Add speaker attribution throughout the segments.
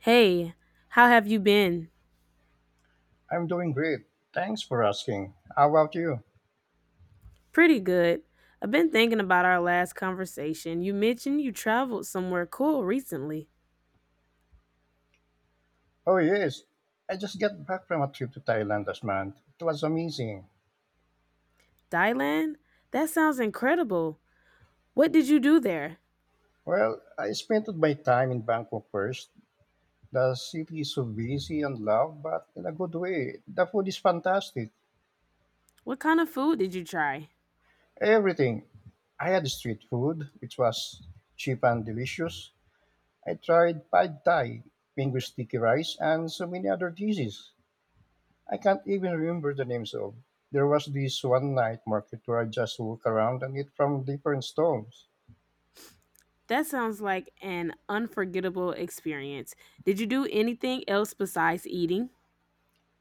Speaker 1: Hey, how have you been?
Speaker 2: I'm doing great. Thanks for asking. How about you?
Speaker 1: Pretty good. I've been thinking about our last conversation. You mentioned you traveled somewhere cool recently.
Speaker 2: Oh, yes. I just got back from a trip to Thailand last month. It was amazing.
Speaker 1: Thailand? That sounds incredible. What did you do there?
Speaker 2: Well, I spent my time in Bangkok first. The city is so busy and loud, but in a good way. The food is fantastic.
Speaker 1: What kind of food did you try?
Speaker 2: Everything. I had street food, which was cheap and delicious. I tried pad thai, mango sticky rice, and so many other dishes I can't even remember the names of. There was this one night market where I just walked around and eat from different stalls.
Speaker 1: That sounds like an unforgettable experience. Did you do anything else besides eating?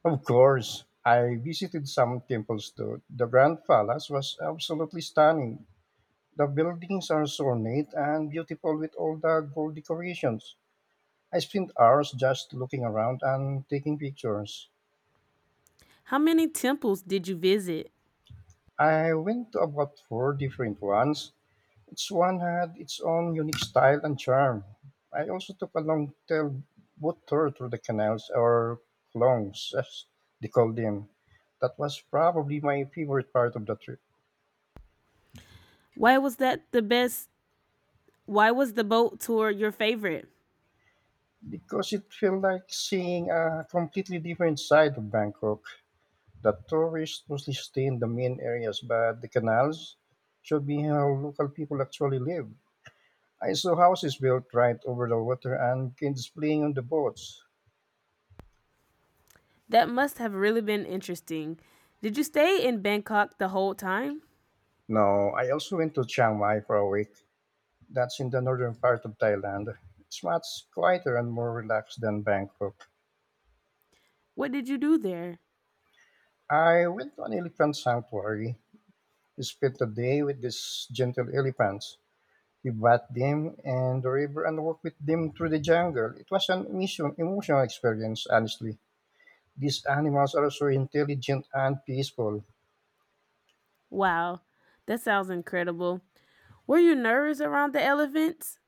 Speaker 2: Of course, I visited some temples too. The Grand Palace was absolutely stunning. The buildings are so ornate and beautiful with all the gold decorations. I spent hours just looking around and taking pictures.
Speaker 1: How many temples did you visit?
Speaker 2: I went to about four different ones. Each one had its own unique style and charm. I also took a long tailed boat tour through the canals, or clongs, as they called them. That was probably my favorite part of the trip
Speaker 1: Why was that the best? Why was the boat tour your favorite?
Speaker 2: because it felt like seeing a completely different side of Bangkok. The tourists mostly stay in the main areas, but the canals showed me how local people actually live. I saw houses built right over the water and kids playing on the boats.
Speaker 1: That must have really been interesting. Did you stay in Bangkok the whole time?
Speaker 2: No, I also went to Chiang Mai for a week. That's in the northern part of Thailand. It's much quieter and more relaxed than Bangkok.
Speaker 1: What did you do there?
Speaker 2: I went to an elephant sanctuary. We spent the day with these gentle elephants. We bathed them and the river and walked with them through the jungle. It was an emotional experience, honestly. These animals are so intelligent and peaceful.
Speaker 1: Wow, that sounds incredible. Were you nervous around the elephants?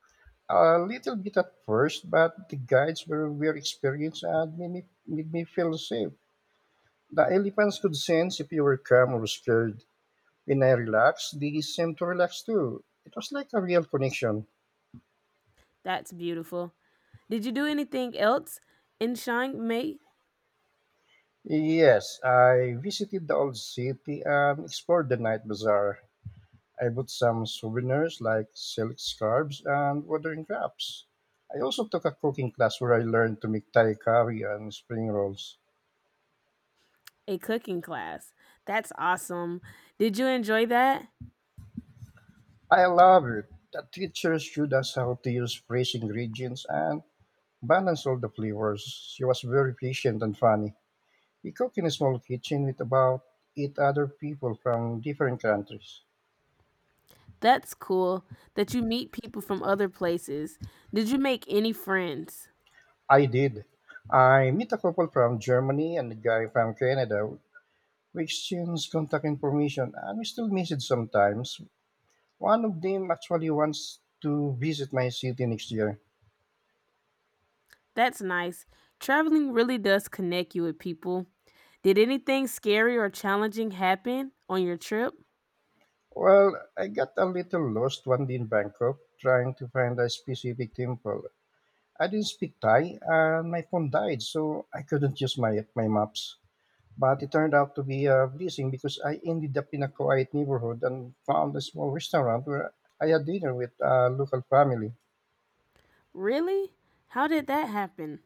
Speaker 2: A little bit at first, but the guides were very experienced and made me feel safe. The elephants could sense if you were calm or scared. When I relaxed, they seemed to relax too. It was like a real connection.
Speaker 1: That's beautiful. Did you do anything else in Chiang Mai?
Speaker 2: Yes, I visited the old city and explored the night bazaar. I bought some souvenirs like silk scarves and watering cups. I also took a cooking class where I learned to make Thai curry and spring rolls.
Speaker 1: A cooking class. That's awesome. Did you enjoy that?
Speaker 2: I love it. The teacher showed us how to use fresh ingredients and balance all the flavors. She was very patient and funny. We cook in a small kitchen with about eight other people from different countries.
Speaker 1: That's cool that you meet people from other places. Did you make any friends?
Speaker 2: I did. I met a couple from Germany and a guy from Canada. We exchanged contact information and we still message sometimes. One of them actually wants to visit my city next year.
Speaker 1: That's nice. Traveling really does connect you with people. Did anything scary or challenging happen on your trip?
Speaker 2: Well, I got a little lost one day in Bangkok trying to find a specific temple. I didn't speak Thai and my phone died, so I couldn't use my maps. But it turned out to be a blessing because I ended up in a quiet neighborhood and found a small restaurant where I had dinner with a local family.
Speaker 1: Really? How did that happen?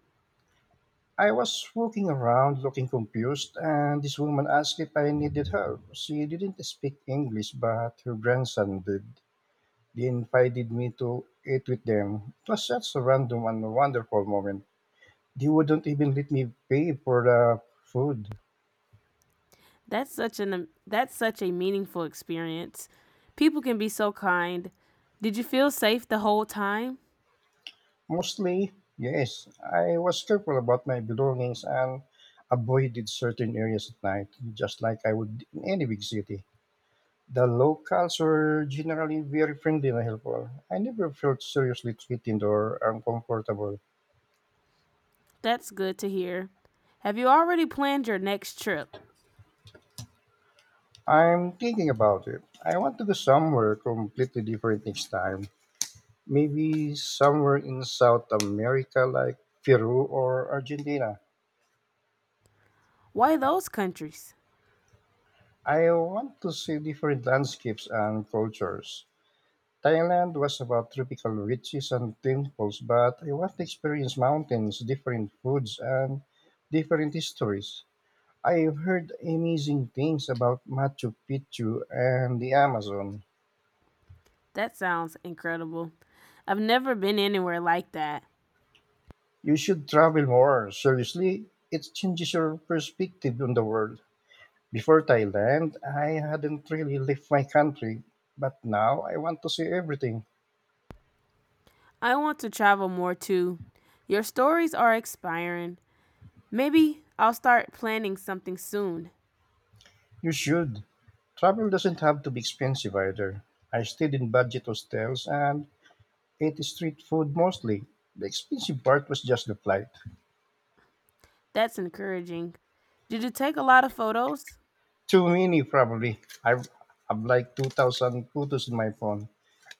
Speaker 2: I was walking around looking confused, and this woman asked if I needed help. She didn't speak English, but her grandson did. They invited me to eat with them. It was such a random and wonderful moment. They wouldn't even let me pay for the food.
Speaker 1: That's such a meaningful experience. People can be so kind. Did you feel safe the whole time?
Speaker 2: Mostly, yes. I was careful about my belongings and avoided certain areas at night, just like I would in any big city. The locals were generally very friendly and helpful. I never felt seriously threatened or uncomfortable.
Speaker 1: That's good to hear. Have you already planned your next trip?
Speaker 2: I'm thinking about it. I want to go somewhere completely different next time. Maybe somewhere in South America, like Peru or Argentina.
Speaker 1: Why those countries?
Speaker 2: I want to see different landscapes and cultures. Thailand was about tropical beaches and temples, but I want to experience mountains, different foods, and different histories. I've heard amazing things about Machu Picchu and the Amazon.
Speaker 1: That sounds incredible. I've never been anywhere like that.
Speaker 2: You should travel more. Seriously, it changes your perspective on the world. Before Thailand, I hadn't really left my country, but now I want to see everything.
Speaker 1: I want to travel more too. Your stories are inspiring. Maybe I'll start planning something soon.
Speaker 2: You should. Travel doesn't have to be expensive either. I stayed in budget hostels and ate street food mostly. The expensive part was just the flight.
Speaker 1: That's encouraging. Did you take a lot of photos?
Speaker 2: Too many, probably. I've like 2,000 photos in my phone.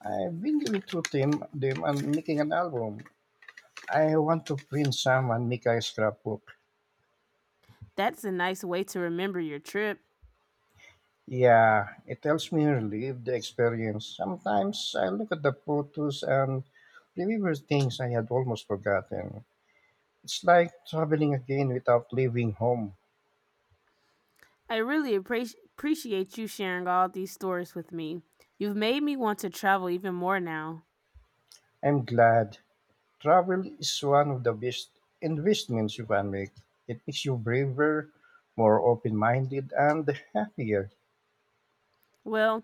Speaker 2: I've been going through them and making an album. I want to print some and make a scrapbook.
Speaker 1: That's a nice way to remember your trip.
Speaker 2: Yeah, it helps me relive the experience. Sometimes I look at the photos and remember things I had almost forgotten. It's like traveling again without leaving home.
Speaker 1: I really appreciate you sharing all these stories with me. You've made me want to travel even more now.
Speaker 2: I'm glad. Travel is one of the best investments you can make. It makes you braver, more open minded, and happier.
Speaker 1: Well,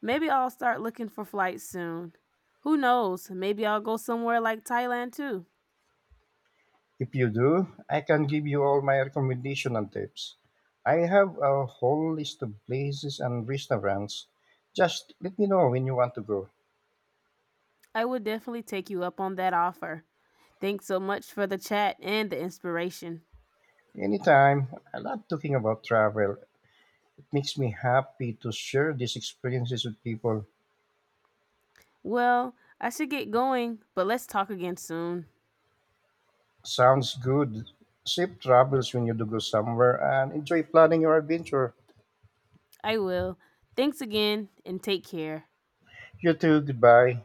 Speaker 1: maybe I'll start looking for flights soon. Who knows? Maybe I'll go somewhere like Thailand too.
Speaker 2: If you do, I can give you all my recommendations and tips. I have a whole list of places and restaurants. Just let me know when you want to go.
Speaker 1: I would definitely take you up on that offer. Thanks so much for the chat and the inspiration.
Speaker 2: Anytime. I love talking about travel. It makes me happy to share these experiences with people.
Speaker 1: Well, I should get going, but let's talk again soon.
Speaker 2: Sounds good. Save travels when you do go somewhere and enjoy planning your adventure.
Speaker 1: I will. Thanks again and take care.
Speaker 2: You too. Goodbye.